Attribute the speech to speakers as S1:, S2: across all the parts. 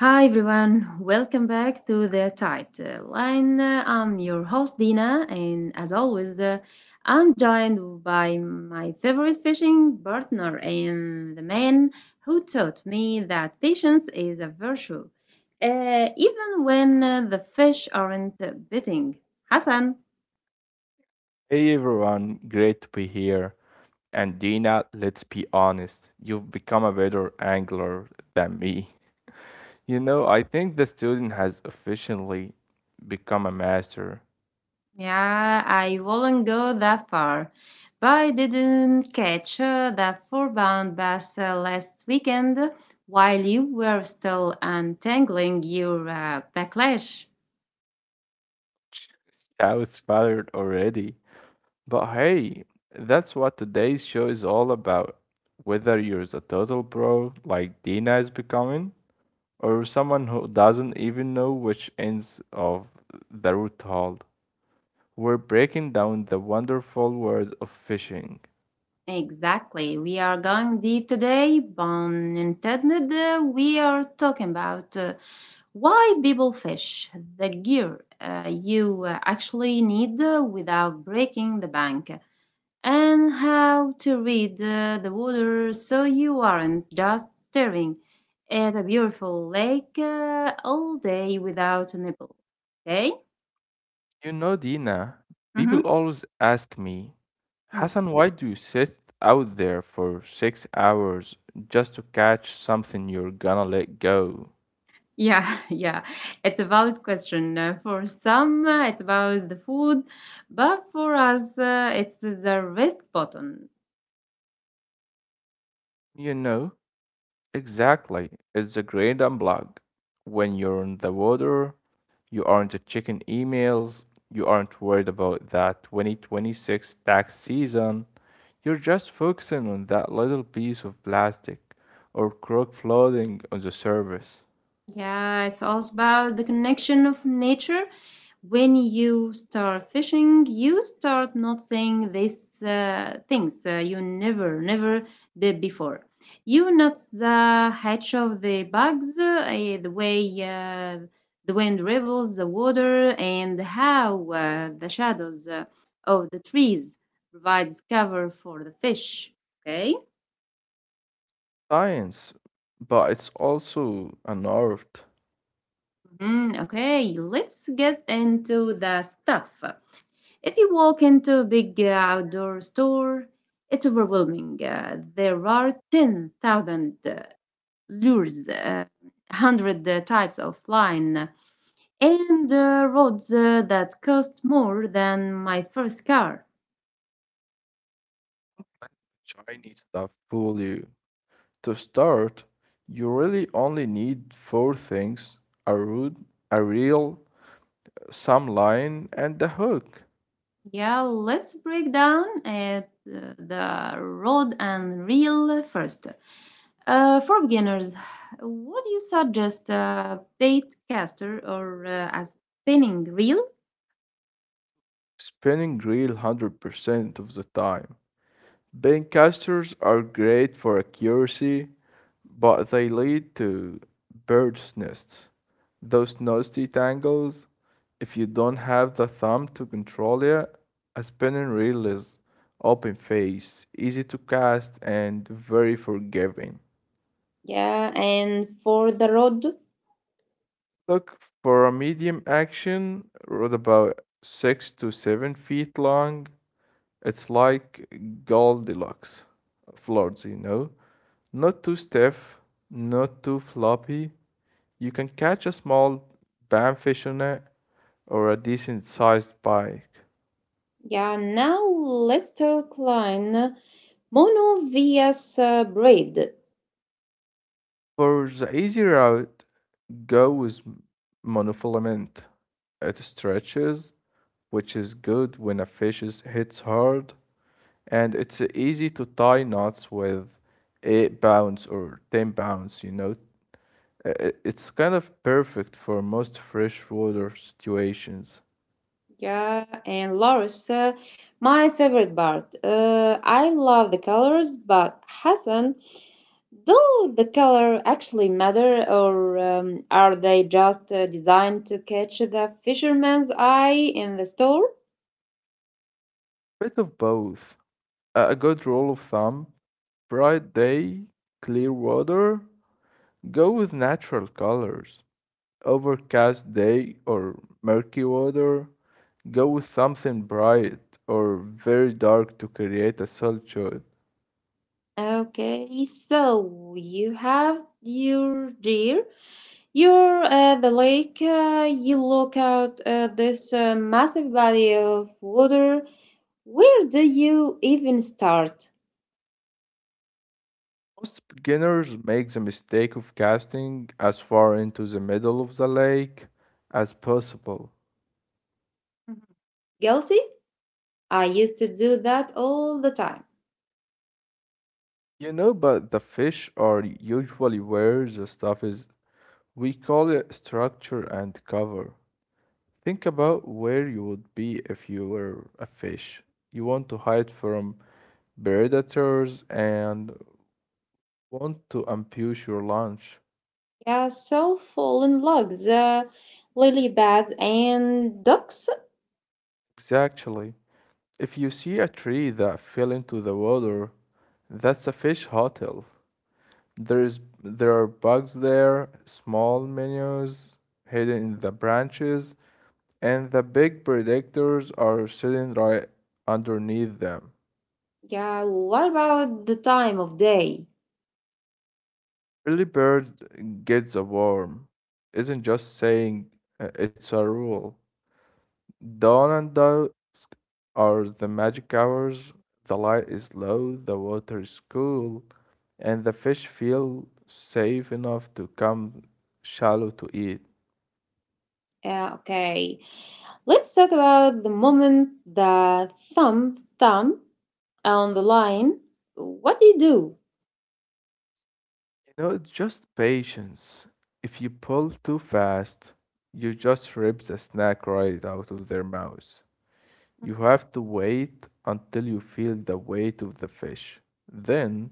S1: Hi everyone, welcome back to the title. And I'm your host Dina, and as always, I'm joined by my favorite fishing partner and the man who taught me that patience is a virtue, uh, even when the fish aren't biting. Hassan.
S2: Hey everyone, great to be here. And Dina, let's be honest, you've become a better angler than me. I think the student has officially become a master.
S1: Yeah, I wouldn't go that far. But I didn't catch that four-bound bus last weekend while you were still untangling your backlash.
S2: I was already. But hey, that's what today's show is all about. Whether you're a total pro like Dina is becoming, or someone who doesn't even know which ends of the route hold. We're breaking down the wonderful world of fishing.
S1: Exactly. We are going deep today, pun intended. We are talking about why people fish, the gear you actually need without breaking the bank, and how to read the water so you aren't just staring at a beautiful lake all day without a nipple. Okay?
S2: You know, Dina, people
S1: Mm-hmm.
S2: always ask me,
S1: Mm.
S2: Hassan, why do you sit out there for 6 hours just to catch something you're gonna let go?
S1: Yeah, yeah, it's a valid question. For some, it's about the food, but for us, it's the rest button.
S2: You know, exactly. It's a great unplug. When you're in the water, you aren't checking emails, you aren't worried about that 2026 tax season. You're just focusing on that little piece of plastic or cork floating on the surface.
S1: Yeah, it's also about the connection of nature. When you start fishing, you start noticing these things you never did before. You notice the hatch of the bugs, the way the wind rivels the water, and how the shadows of the trees provides cover for the fish. Okay.
S2: Science, but it's also an art.
S1: Mhm, okay, let's get into the stuff. If you walk into a big outdoor store, it's overwhelming. There are 10,000 lures, 100 types of line, and rods that cost more than my first car.
S2: Let the Chinese stuff fool you. To start, you really only need four things: a root, a reel, some line, and a hook.
S1: Yeah, let's break down at the rod and reel first. For beginners, would you suggest a bait caster or a spinning reel?
S2: Spinning reel 100% of the time. Bean casters are great for accuracy, but they lead to bird's nests. Those nasty tangles, if you don't have the thumb to control it, a spinning reel is open face, easy to cast, and very forgiving.
S1: Yeah, and for the road,
S2: Look for a medium action rod, about 6 to 7 feet long. It's like Goldilocks floors, you know. Not too stiff, not too floppy. You can catch a small bamfish on it or a decent sized pike.
S1: yeah, now let's talk line monovias bread.
S2: For the easy route, go with monofilament. It stretches, which is good when a fish is, hits hard, and it's easy to tie knots with 8 pounds or 10 pounds, you know. It's kind of perfect for most freshwater situations.
S1: Yeah, and Loris, my favorite part. I love the colors, but Hassan, do the color actually matter, or are they just designed to catch the fisherman's eye in the store?
S2: Bit of both. A good rule of thumb: bright day, clear water, go with natural colors. Overcast day or murky water, go with something bright or very dark to create a solid shot.
S1: Okay, so you have your deer. You're at the lake, you look out at this massive body of water. Where do you even start?
S2: Most beginners make the mistake of casting as far into the middle of the lake as possible.
S1: Mhm. Guilty? I used to do that all the time.
S2: You know, but the fish are usually where the stuff is. We call it structure and cover. Think about where you would be if you were a fish. You want to hide from predators and want to ambush your lunch.
S1: Yeah, so fallen logs, lily pads, and ducks.
S2: Exactly. If you see a tree that fell into the water, that's a fish hotel. There are bugs there, small minnows hidden in the branches, and the big predators are sitting right underneath them.
S1: Yeah, what about the time of day?
S2: Early bird gets a worm. Isn't just saying, it's a rule. Dawn and dusk are the magic hours. The light is low, the water is cool, and the fish feel safe enough to come shallow to eat.
S1: Yeah, okay, let's talk about the moment the thumb on the line. What do you do?
S2: You know, it's just patience. If you pull too fast, you just rip the snack right out of their mouths. You have to wait until you feel the weight of the fish. Then,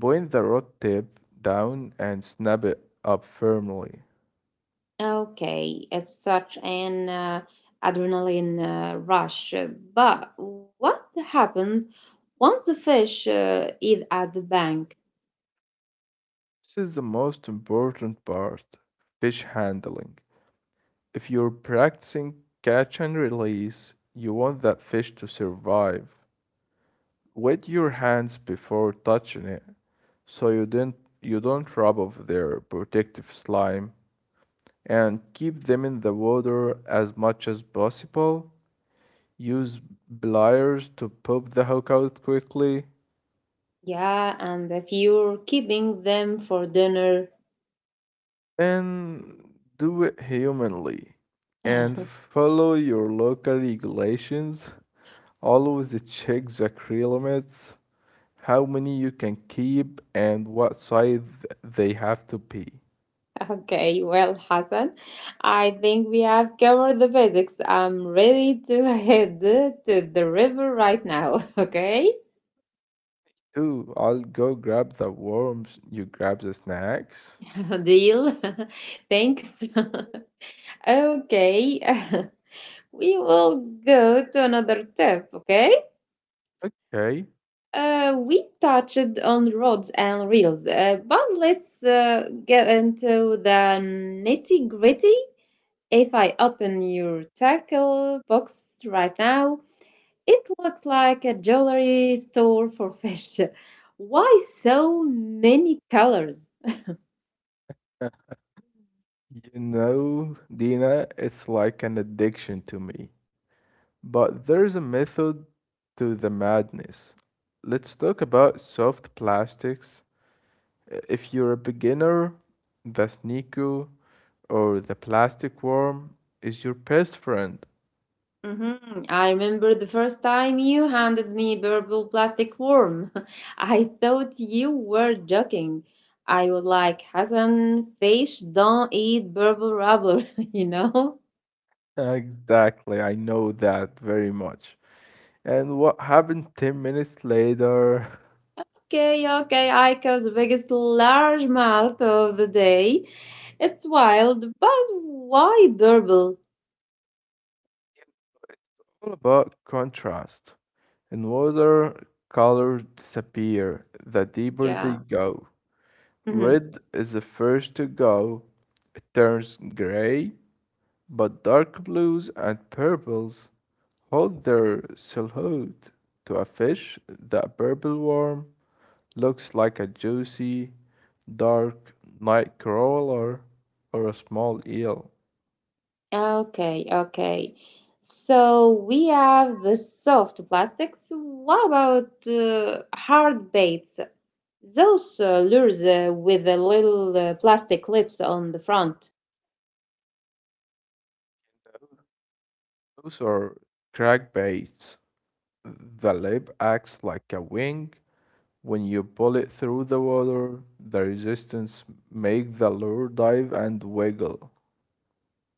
S2: point the rod tip down and snap it up firmly.
S1: Okay, it's such an adrenaline rush. But what happens once the fish is at the bank?
S2: This is the most important part: fish handling. If you're practicing catch and release, you want that fish to survive. Wet your hands before touching it so you don't rub off their protective slime, and keep them in the water as much as possible. Use pliers to pop the hook out quickly,
S1: Yeah, and if you're keeping them for dinner.
S2: and do it humanly, and follow your local regulations. Always check the tree limits, how many you can keep and what size they have to be.
S1: Okay, well, Hassan, I think we have covered the basics. I'm ready to head to the river right now. Okay.
S2: Two, I'll go grab the worms, you grab the snacks.
S1: Deal. Thanks. Okay. We will go to another tip, okay?
S2: Okay,
S1: We touched on rods and reels, but let's get into the nitty gritty. If I open your tackle box right now, it looks like a jewelry store for fish. Why so many colors?
S2: you know, Dina, it's like an addiction to me, but there's a method to the madness. Let's talk about soft plastics. If you're a beginner, the Sneaku or the Plastic Worm is your best friend.
S1: Hmm, I remember the first time you handed me purple plastic worm. I thought you were joking. I was like, Hassan, fish don't eat purple rubber, you know?
S2: Exactly, I know that very much. And what happened 10 minutes later?
S1: Okay, okay, I caught the biggest largemouth of the day. It's wild, but why purple?
S2: All about contrast. In water, colors disappear the deeper they
S1: Yeah.
S2: go.
S1: Mm-hmm.
S2: Red is the first to go, it turns gray, but dark blues and purples hold their silhouette. To a fish, the purple worm looks like a juicy, dark night crawler or a small eel.
S1: Okay, okay. So we have the soft plastics. What about hard baits? Those lures with the little plastic lips on the front.
S2: Those are crankbaits. The lip acts like a wing. When you pull it through the water, the resistance makes the lure dive and wiggle.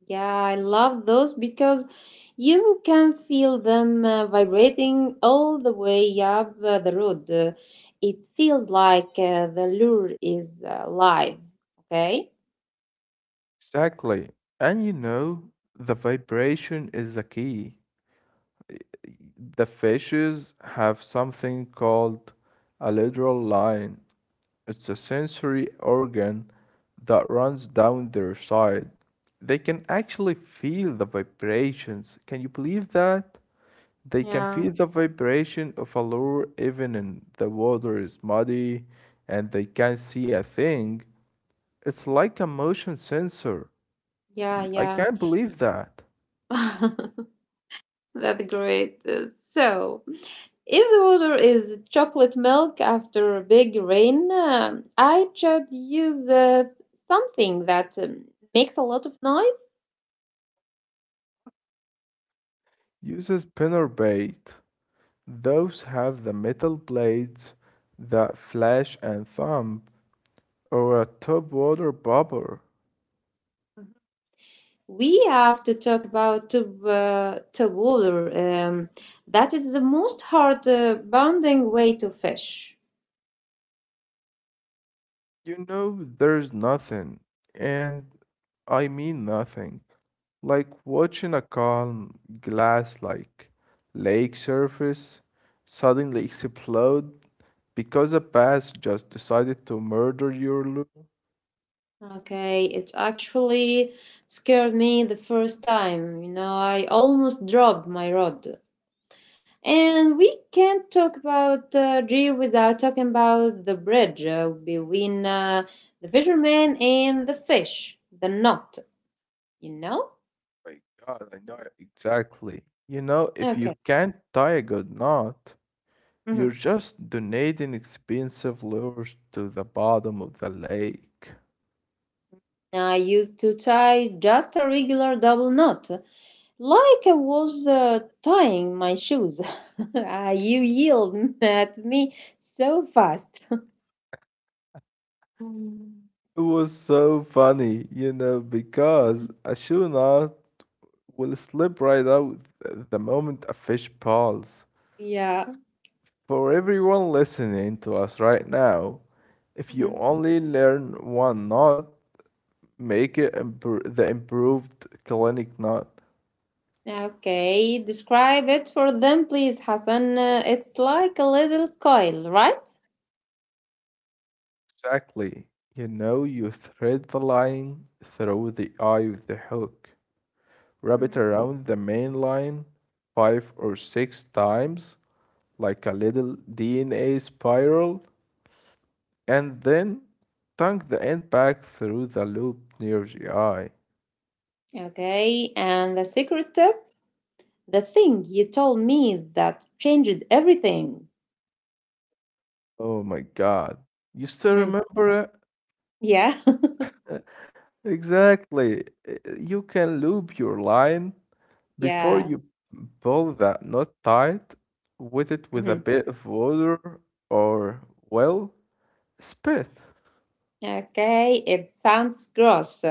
S1: Yeah, I love those because you can feel them vibrating all the way up the road. It feels like the lure is live. Okay?
S2: Exactly. And you know, the vibration is the key. The fishes have something called a lateral line. It's a sensory organ that runs down their side. They can actually feel the vibrations. Can you believe that? They can
S1: Yeah,
S2: feel the vibration of a lure even in the water is muddy and they can't see a thing. It's like a motion sensor. I
S1: yeah,
S2: can't believe that.
S1: yeah. That's great. So, if the water is chocolate milk after a big rain, I should use something that makes a lot of noise.
S2: Use a spinner bait. Those have the metal blades that flash and thump, or a top water bobber.
S1: Mhm. We have to talk about tub water. That is the most hard bounding way to fish.
S2: You know, there's nothing, and I mean nothing, like watching a calm, glass like lake surface suddenly explode because a bass just decided to murder your lure.
S1: Okay, it actually scared me the first time. You know, I almost dropped my rod. And we can't talk about Deer without talking about the bridge between the fisherman and the fish, the knot, you know?
S2: My God, I know exactly. You know, if
S1: Okay.
S2: you can't tie a good knot, you're
S1: Hmm.
S2: just donating expensive lures to the bottom of the lake.
S1: I used to tie just a regular double knot, like I was tying my shoes. Ah, you yelled at me so fast.
S2: It was so funny, you know, because a shoe knot will slip right out the moment a fish pulls.
S1: Yeah.
S2: For everyone listening to us right now, if you
S1: Mhm.
S2: only learn one knot, make it the improved clinic knot.
S1: Okay, describe it for them, please, Hassan. It's like a little coil, right?
S2: Exactly. You know, you thread the line through the eye of the hook. Wrap it
S1: Mm-hmm.
S2: around the main line five or six times, like a little DNA spiral, and then tuck the end back through the loop near the eye.
S1: Okay, and the secret tip, the thing you told me that changed everything.
S2: Oh my god. You still
S1: Hmm.
S2: remember it?
S1: Yeah,
S2: Exactly. You can loop your line before
S1: yeah.
S2: you pull that knot tight, with a
S1: Hmm.
S2: bit of water or, well, spit.
S1: Okay, it sounds gross,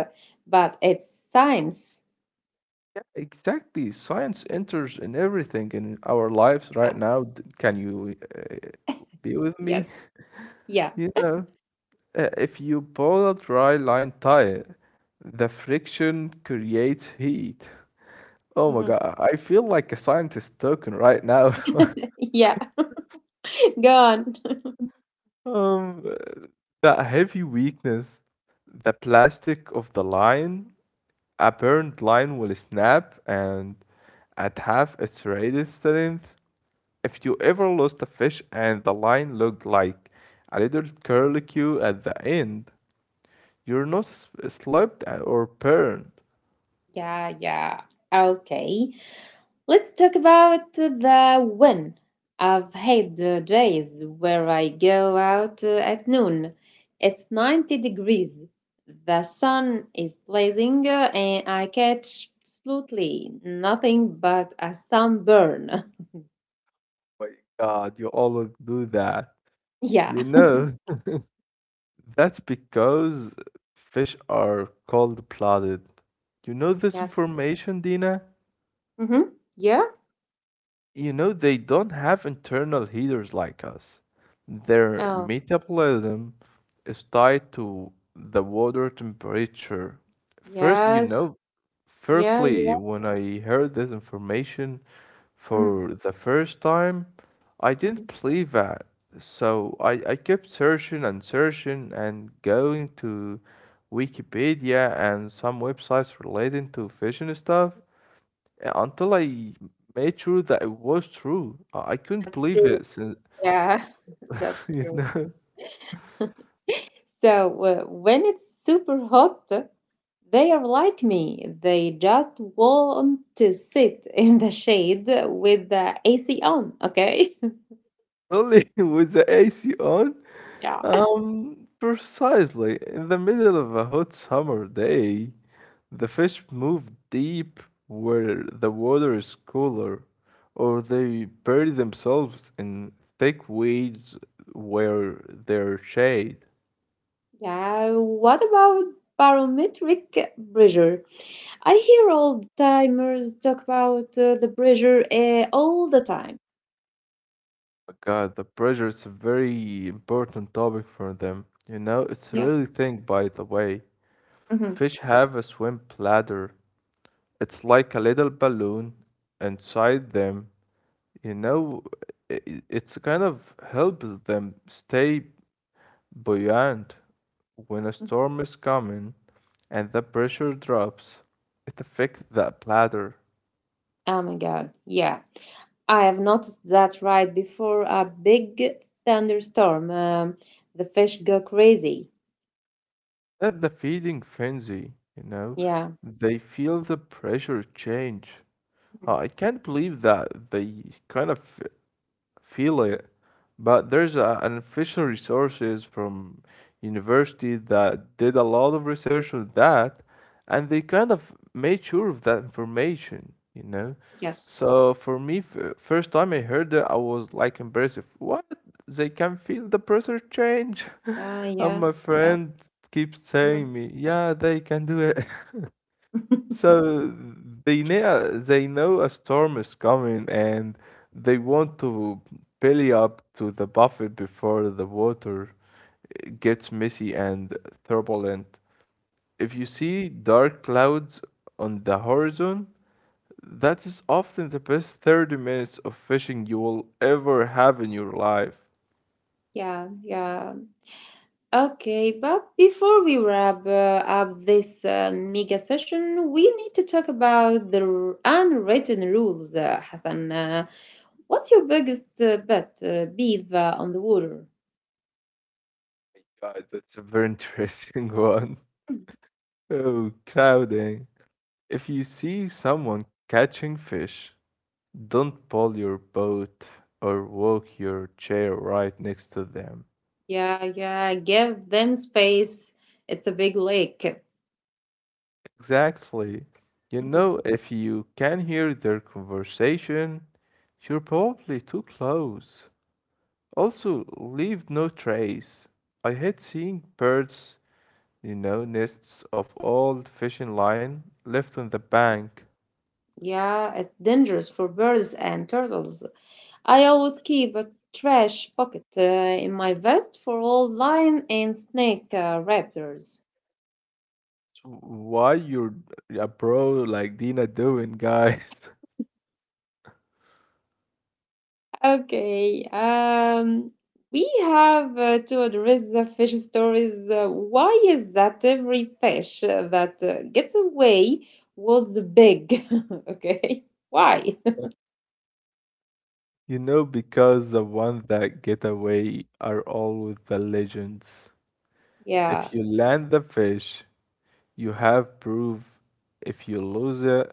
S1: but it's science.
S2: Yeah, exactly. Science enters in everything in our lives
S1: Yeah.
S2: right now. Can you be with me?
S1: Yes, yeah.
S2: You know, if you pull a dry line tire, the friction creates heat. Oh my
S1: Hmm.
S2: God, I feel like a scientist talking right now.
S1: Yeah, go on.
S2: Um, that heavy weakness, the plastic of the line, a burned line will snap and at half its radius length. If you ever lost a fish and the line looked like a little curlicue at the end, you're not slipped or burned.
S1: Yeah, yeah. Okay. Let's talk about the when. I've had days where I go out at noon. It's 90 degrees. The sun is blazing and I catch absolutely nothing but a sunburn.
S2: My God, you always do that. You
S1: Yeah.
S2: know, that's because fish are cold blooded. You know this
S1: Yes.
S2: information, Dina?
S1: Mm-hmm. Yeah.
S2: You know, they don't have internal heaters like us. Their
S1: Oh,
S2: metabolism is tied to the water temperature. First, you
S1: yes.
S2: know,
S1: Yeah, yeah.
S2: firstly, when I heard this information
S1: Mm-hmm.
S2: for the first time, I didn't believe that. So I kept searching and searching and going to Wikipedia and some websites relating to fishing stuff. Yeah, until I made sure that it was true. I couldn't believe
S1: True.
S2: it since,
S1: Yeah, that's
S2: you
S1: true.
S2: know,
S1: So, when it's super hot, they are like me. They just want to sit in the shade with the AC on, okay?
S2: really with the AC on,
S1: Yeah.
S2: precisely in the middle of a hot summer day, the fish move deep where the water is cooler, or they bury themselves in thick weeds where there's shade.
S1: Yeah, what about barometric pressure? I hear old timers talk about the pressure all the time.
S2: Oh God, the pressure is a very important topic for them. You know, it's
S1: Yeah.
S2: really thing, by the way.
S1: Hmm.
S2: Fish have a swim bladder. It's like a little balloon inside them. You know, it's kind of helps them stay buoyant when a storm is coming and the pressure drops. It affects the bladder.
S1: Oh my God. Yeah. I have noticed that right before a big thunderstorm, the fish go crazy.
S2: That's the feeding frenzy, you know.
S1: Yeah.
S2: They feel the pressure change.
S1: Mhm.
S2: I can't believe that they kind of feel it. But there's an official resources from university that did a lot of research on that, and they kind of made sure of that information, you know.
S1: Yes.
S2: So for me, first time I heard it, I was like impressive. What? They can feel the pressure change,
S1: Yeah.
S2: and
S1: Yeah.
S2: my
S1: Yeah.
S2: friend keeps saying
S1: Mhm.
S2: me, yeah, they can do it. So they know a storm is coming and they want to belly up to the buffet before the water gets messy and turbulent. If you see dark clouds on the horizon, that is often the best 30 minutes of fishing you will ever have in your life.
S1: Yeah, yeah. Okay, but before we wrap up this mega session, we need to talk about the unwritten rules, Hassan. What's your biggest bet? Beef on the water.
S2: God, that's a very interesting one. Oh, crowding. If you see someone catching fish, don't pull your boat or walk your chair right next to them.
S1: Yeah, yeah. Give them space. It's a big lake.
S2: Exactly. You
S1: Mhm.
S2: know, if you can hear their conversation, you're probably too close. Also, leave no trace. I hate seeing birds, you know, nests of old fishing line left on the bank.
S1: Yeah, it's dangerous for birds and turtles. I always keep a trash bucket in my vest for old lion and snake raptors.
S2: So why you're a bro like Dina doing, guys?
S1: Okay. We have to address the fish stories. Why is that every fish that gets away was big? Okay. Why?
S2: You know, because the ones that get away are always the legends. If
S1: Yeah.
S2: you land the fish, you have proof. If you lose it,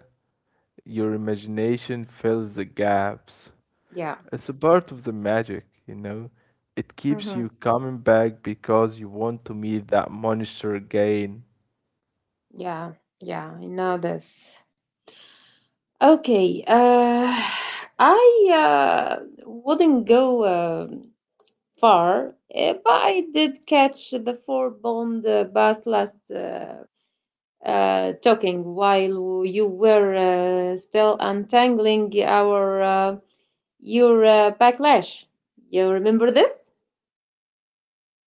S2: your imagination fills the gaps.
S1: Yeah.
S2: It's a part of the magic, you know? It keeps
S1: Hmm.
S2: you coming back because you want to meet that monster again.
S1: Yeah. Yeah. I know this. Okay. I wouldn't go far, eh, but I did catch the 4-pound bass last talking while you were still untangling our your backlash. You remember this?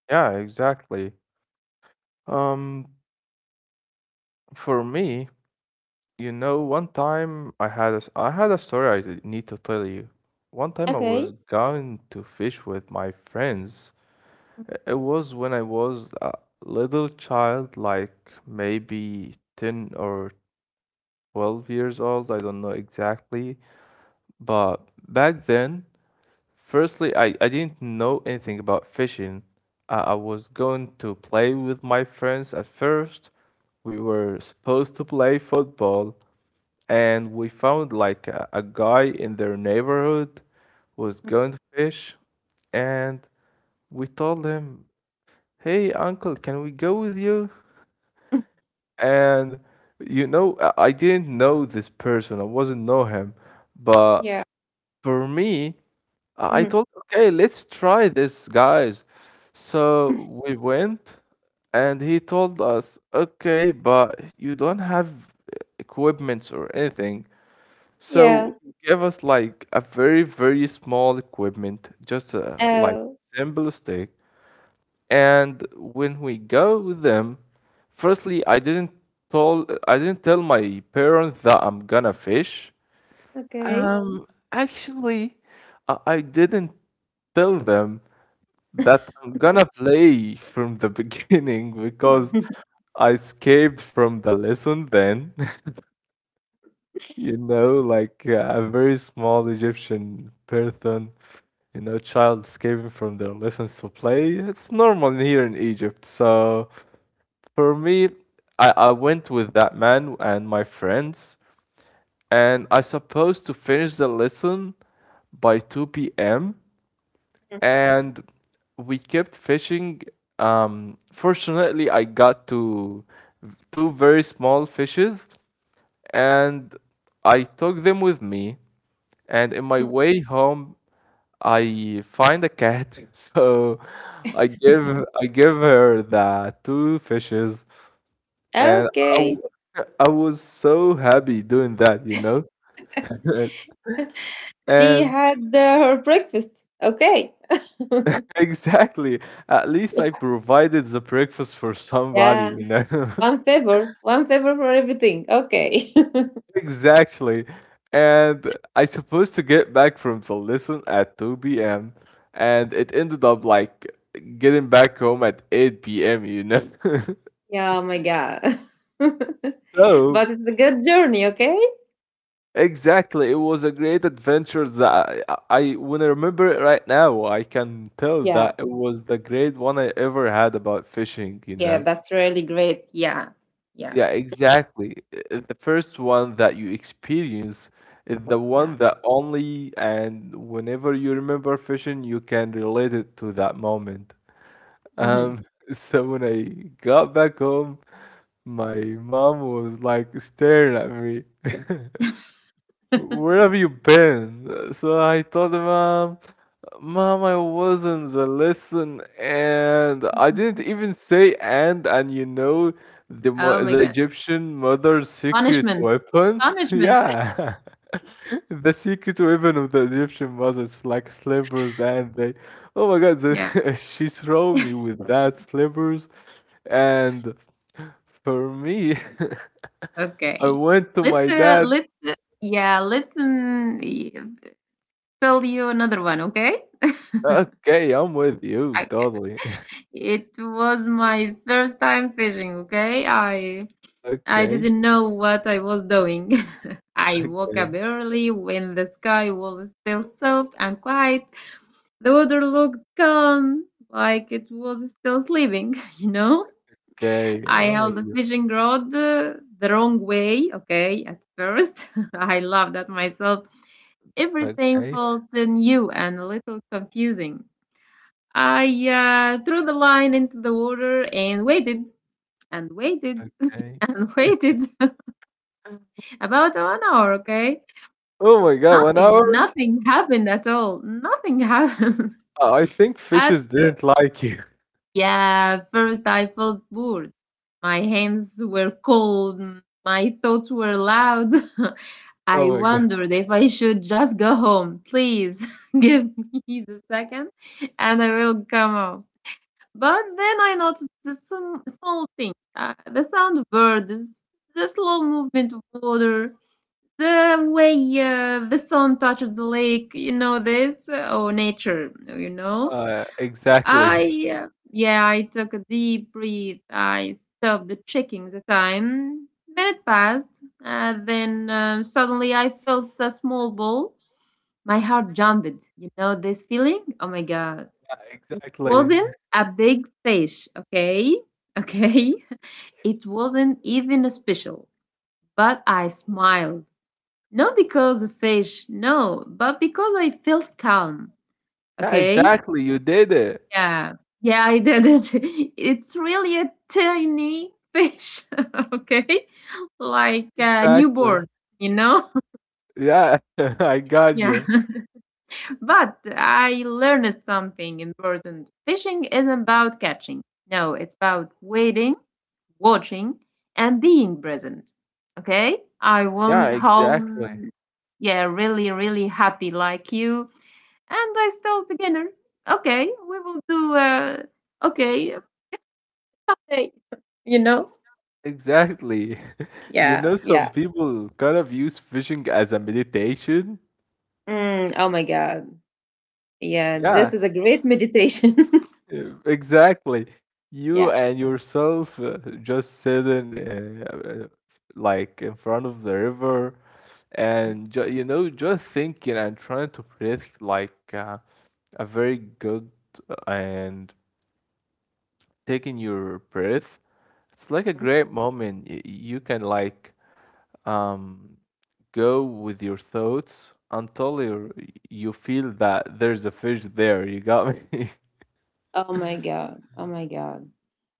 S2: Yeah, exactly. Um, for me, you know, one time I had a s I had a story I need to tell you. One time I was
S1: Okay.
S2: going to fish with my friends. I- It was when I was a little child, like maybe 10 or 12 years old, I don't know exactly. But back then, firstly, I didn't know anything about fishing. I was going to play with my friends at first. We were supposed to play football, and we found like a guy in their neighborhood was going to fish, and we told him, hey, uncle, can we go with you?
S1: Mhm, mhm.
S2: And, I didn't know this person. I wasn't know him, but
S1: Yeah.
S2: for me, I told,
S1: Mhm.
S2: okay, let's try this, guys. So we went, and he told us, okay, but you don't have equipments or anything. So
S1: Yeah.
S2: he gave us like a very, very small equipment, just like
S1: Oh.
S2: simple stick. And when we go with them, firstly, I didn't tell my parents that I'm gonna fish.
S1: Okay.
S2: Um, Actually, I didn't tell them that I'm gonna play from the beginning, because I escaped from the lesson then. You know, like a very small Egyptian person, child escaping from their lessons to play. It's normal here in Egypt. So for me, I went with that man and my friends, and I supposed to finish the lesson by 2 p.m., and we kept fishing. Fortunately, I got to two very small fishes, and I took them with me. And in my way home, I find a cat, so I give I give her the two fishes, and
S1: Okay.
S2: I was so happy doing that, you know.
S1: She
S2: And,
S1: had her breakfast. Okay.
S2: exactly, at least I
S1: Yeah.
S2: provided the breakfast for somebody,
S1: Yeah.
S2: you know.
S1: One favor. One favor for everything. Okay.
S2: Exactly. And I supposed to get back from the lesson at 2 p.m., and it ended up like getting back home at 8 p.m., you know.
S1: Yeah. Oh my God.
S2: So,
S1: But it's a good journey. Okay.
S2: exactly, it was a great adventure that I when I remember it right now, I can tell
S1: Yeah.
S2: that it was the great one I ever had about fishing, you
S1: Yeah,
S2: know.
S1: that's really great. Yeah. Yeah.
S2: Yeah, exactly. The first one that you experience is the
S1: Yeah.
S2: one that only, and whenever you remember fishing, you can relate it to that moment.
S1: Hmm.
S2: Um, so when I got back home, my mom was like staring at me. Where have you been? So I told her, Mom, Mom, I wasn't the lesson, and I didn't even say and. And you know, the
S1: Oh
S2: mo-
S1: my
S2: the
S1: God,
S2: Egyptian mother's secret
S1: punishment,
S2: weapon.
S1: punishment.
S2: Yeah, the secret weapon of the Egyptian mothers, like slippers, and they. Oh my God,
S1: Yeah.
S2: she threw me with that slippers, and for me, I
S1: Okay.
S2: went to
S1: Let's
S2: my
S1: uh,
S2: dad.
S1: let's let's tell you another one, okay?
S2: Okay, I'm with you
S1: I-
S2: totally.
S1: it was my first time fishing, okay? I
S2: Okay,
S1: didn't know what I was doing. I woke up
S2: okay.
S1: early when the sky was still soft and quiet. The water looked calm, like it was still sleeping, you know?
S2: Okay,
S1: I
S2: how was
S1: held the
S2: it?
S1: fishing rod the wrong way, okay, at first. I laughed at myself. Everything
S2: Okay,
S1: felt new and a little confusing. I threw the line into the water and waited
S2: okay.
S1: and waited about 1 hour, okay?
S2: Oh my god, 1
S1: Nothing,
S2: hour?
S1: nothing happened at all. Nothing happened.
S2: I think
S1: At
S2: fishes didn't like you.
S1: Yeah, first I felt bored. My hands were cold, my thoughts were loud. I
S2: Oh my god.
S1: wondered if I should just go home. Please give me the second and I will come home. But then I noticed the some small things, the sound of birds, the slow movement of water, the way the sun touches the lake, you know, this, or nature, you know.
S2: Exactly.
S1: I took a deep breath. I stopped checking the time. Minute passed, and then suddenly I felt a small ball. My heart jumped. You know this feeling? Oh my God.
S2: Yeah,
S1: It
S2: exactly.
S1: wasn't a big fish, okay? Okay. It wasn't even special, but I smiled. Not because of fish, no, but because I felt calm,
S2: Yeah,
S1: okay?
S2: exactly, you did it.
S1: Yeah. Yeah, I did it. It's really a tiny fish, okay? Like a
S2: Exactly.
S1: newborn, you know?
S2: Yeah, I got
S1: Yeah.
S2: you.
S1: But I learned something important. Fishing isn't about catching. No, it's about waiting, watching, and being present. Okay? I went
S2: Yeah, exactly.
S1: home, yeah, really, really happy like you, and I still beginner. Okay, we will do okay. Like, you know?
S2: Exactly. You
S1: Yeah,
S2: know, some
S1: yeah.
S2: people kind of use fishing as a meditation.
S1: Mm, oh my God. Yeah, this
S2: Yeah.
S1: is a great meditation.
S2: Yeah, exactly. You
S1: Yeah.
S2: and yourself, just sitting, like in front of the river and ju you know just thinking and trying to breathe, like, a very good, and taking your breath. It's like a
S1: Mhm.
S2: great moment. You can, like, um go with your thoughts until you feel that there's a fish there. You got me?
S1: Oh my God. Oh my God.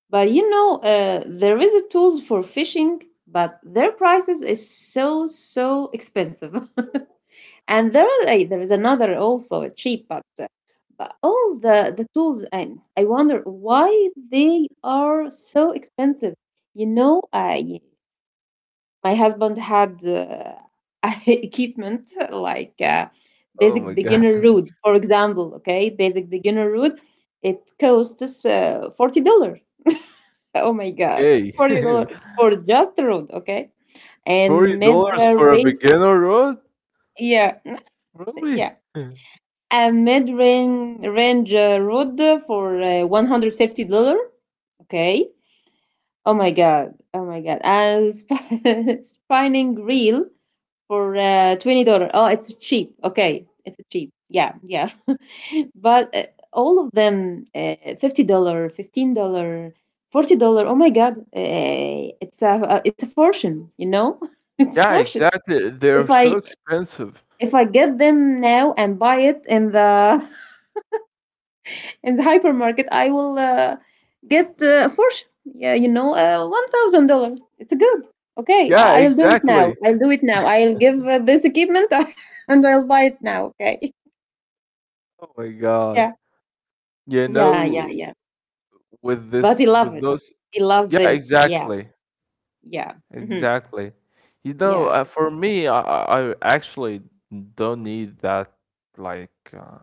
S1: But you know, there is a tools for fishing, but their prices is so expensive. And there is another also a cheap, but all the tools, and I wonder why they are so expensive. You know, I my husband had equipment like
S2: Oh my
S1: basic
S2: God.
S1: beginner route, for example. Okay, basic beginner route. It costs $40. Oh my god,
S2: Okay.
S1: $40 for just a road. Okay,
S2: Forty
S1: and mid
S2: dollars for a
S1: range.
S2: beginner road?
S1: Yeah, yeah.
S2: Really?
S1: And mid range road for $150. Okay. Oh my god. Oh my god. And spinning reel for $20. Oh, it's cheap. Okay, it's cheap. Yeah, yeah. But all of them, $50, $15, $40. Oh my God, it's a fortune. You know, it's a
S2: Yeah,
S1: fortune.
S2: exactly. They're
S1: If
S2: so
S1: I
S2: expensive.
S1: if I get them now and buy it in the hypermarket, I will get a fortune. Yeah, you know, $1,000. It's good. Okay,
S2: Yeah,
S1: I'll do it
S2: exactly.
S1: now. I'll do it now. I'll give this equipment and I'll buy it now. Okay.
S2: Oh my God.
S1: Yeah.
S2: You
S1: Yeah. Yeah. Yeah.
S2: know, with
S1: But he
S2: this,
S1: love
S2: with
S1: it.
S2: those.
S1: He love
S2: Yeah,
S1: this. Yeah.
S2: exactly.
S1: Yeah. Hmm.
S2: Exactly. You know,
S1: Yeah.
S2: for me, I actually don't need that, like,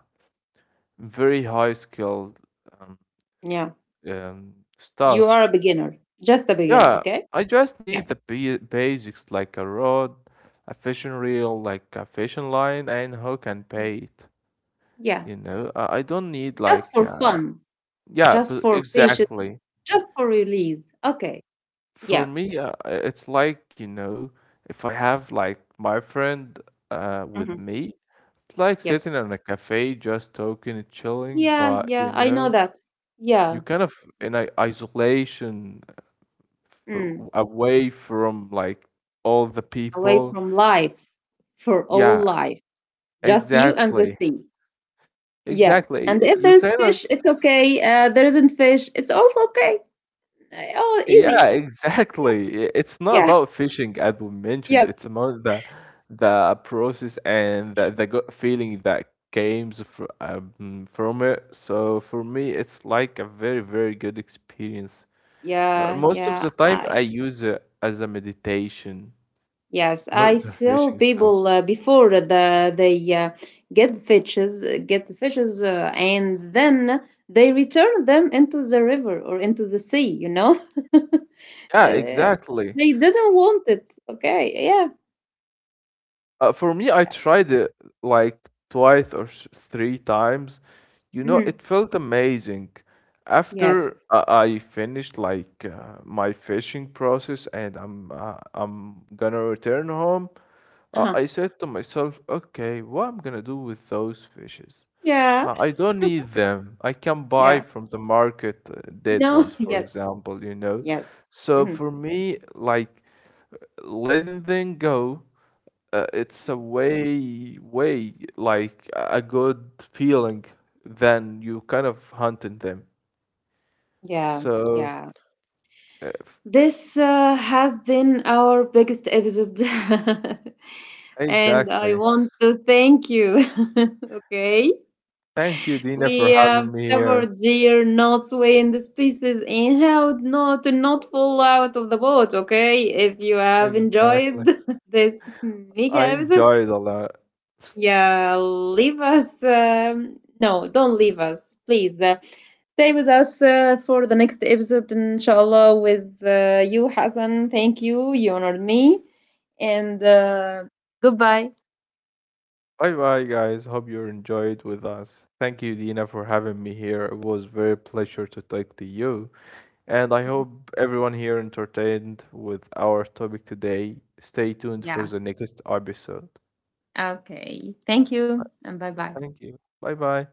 S2: very high skilled, um,
S1: Yeah.
S2: um,
S1: You
S2: stuff.
S1: are a beginner. Just a beginner.
S2: Yeah,
S1: Okay.
S2: I just need
S1: Yeah.
S2: the basics, like a rod, a fishing reel, like a fishing line, and hook and
S1: Mm.
S2: bait.
S1: Yeah.
S2: You know, I don't need,
S1: Just
S2: like,
S1: for fun.
S2: yeah,
S1: Just
S2: but
S1: for patience.
S2: exactly.
S1: Just for release. Okay.
S2: For
S1: Yeah.
S2: me, it's like, you know, if I have like my friend with
S1: Hmm.
S2: me, it's like
S1: Yes.
S2: sitting in a cafe, just talking and chilling,
S1: Yeah,
S2: but you
S1: yeah, I know
S2: know,
S1: that.
S2: you
S1: Yeah.
S2: kind of in a isolation, for,
S1: Mm.
S2: away from like all the
S1: Away
S2: people.
S1: from life, for all
S2: Yeah,
S1: life, just you and the
S2: exactly,
S1: sea. Yeah.
S2: exactly.
S1: And
S2: Y-
S1: if there
S2: You
S1: is
S2: kind of,
S1: fish, it's okay. There isn't fish, it's also okay. Oh,
S2: yeah,
S1: easy.
S2: exactly. It's not
S1: Yeah.
S2: about fishing, as we mentioned. It's
S1: Yes.
S2: about the process and the good feeling that comes fr from it. So for me, it's like a very, very good experience.
S1: Yeah,
S2: Most of
S1: yeah.
S2: the time,
S1: I
S2: I use it as a meditation,
S1: yes,
S2: not
S1: I
S2: the
S1: saw
S2: fishing itself.
S1: people before they get fishes, get the fishes, and then they return them into the river or into the sea. You know.
S2: Yeah,
S1: Uh,
S2: exactly.
S1: they didn't want it. Okay. Yeah.
S2: For me, I tried it like twice or three times. You know,
S1: Hmm.
S2: it felt amazing.
S1: Yes.
S2: After I finished, like, my fishing process, and I'm gonna return home,
S1: Uh huh.
S2: I said to myself, okay, what I'm gonna do with those fishes?
S1: Yeah.
S2: I don't need them. I can buy
S1: Yeah.
S2: from the market dead
S1: No.
S2: ones, for
S1: Yes.
S2: example, you know.
S1: Yes.
S2: So
S1: Hmm.
S2: for me, like, letting them go, it's a way like a good feeling than you kind of hunting them.
S1: Yeah.
S2: So
S1: Yeah.
S2: uh, f-
S1: This has been our biggest episode. And I
S2: exactly.
S1: want to thank you. Okay.
S2: Thank you, Dina,
S1: We
S2: for
S1: have
S2: having me here.
S1: covered gear, knots, wind, spaces, and how not to not fall out of the boat. Okay. If you have
S2: Exactly.
S1: enjoyed this mega
S2: I
S1: episode,
S2: enjoyed a lot.
S1: yeah, leave us. No, don't leave us, please. Stay with us for the next episode, inshallah, with you, Hassan. Thank you. You honored me. And goodbye.
S2: Bye bye, guys. Hope you enjoyed with us. Thank you, Dina, for having me here. It was very pleasure to talk to you. And I
S1: Thank-
S2: hope everyone here entertained with our topic today. Stay tuned for
S1: Yeah.
S2: the next episode.
S1: Okay. Thank you. And bye bye.
S2: Thank you. Bye bye.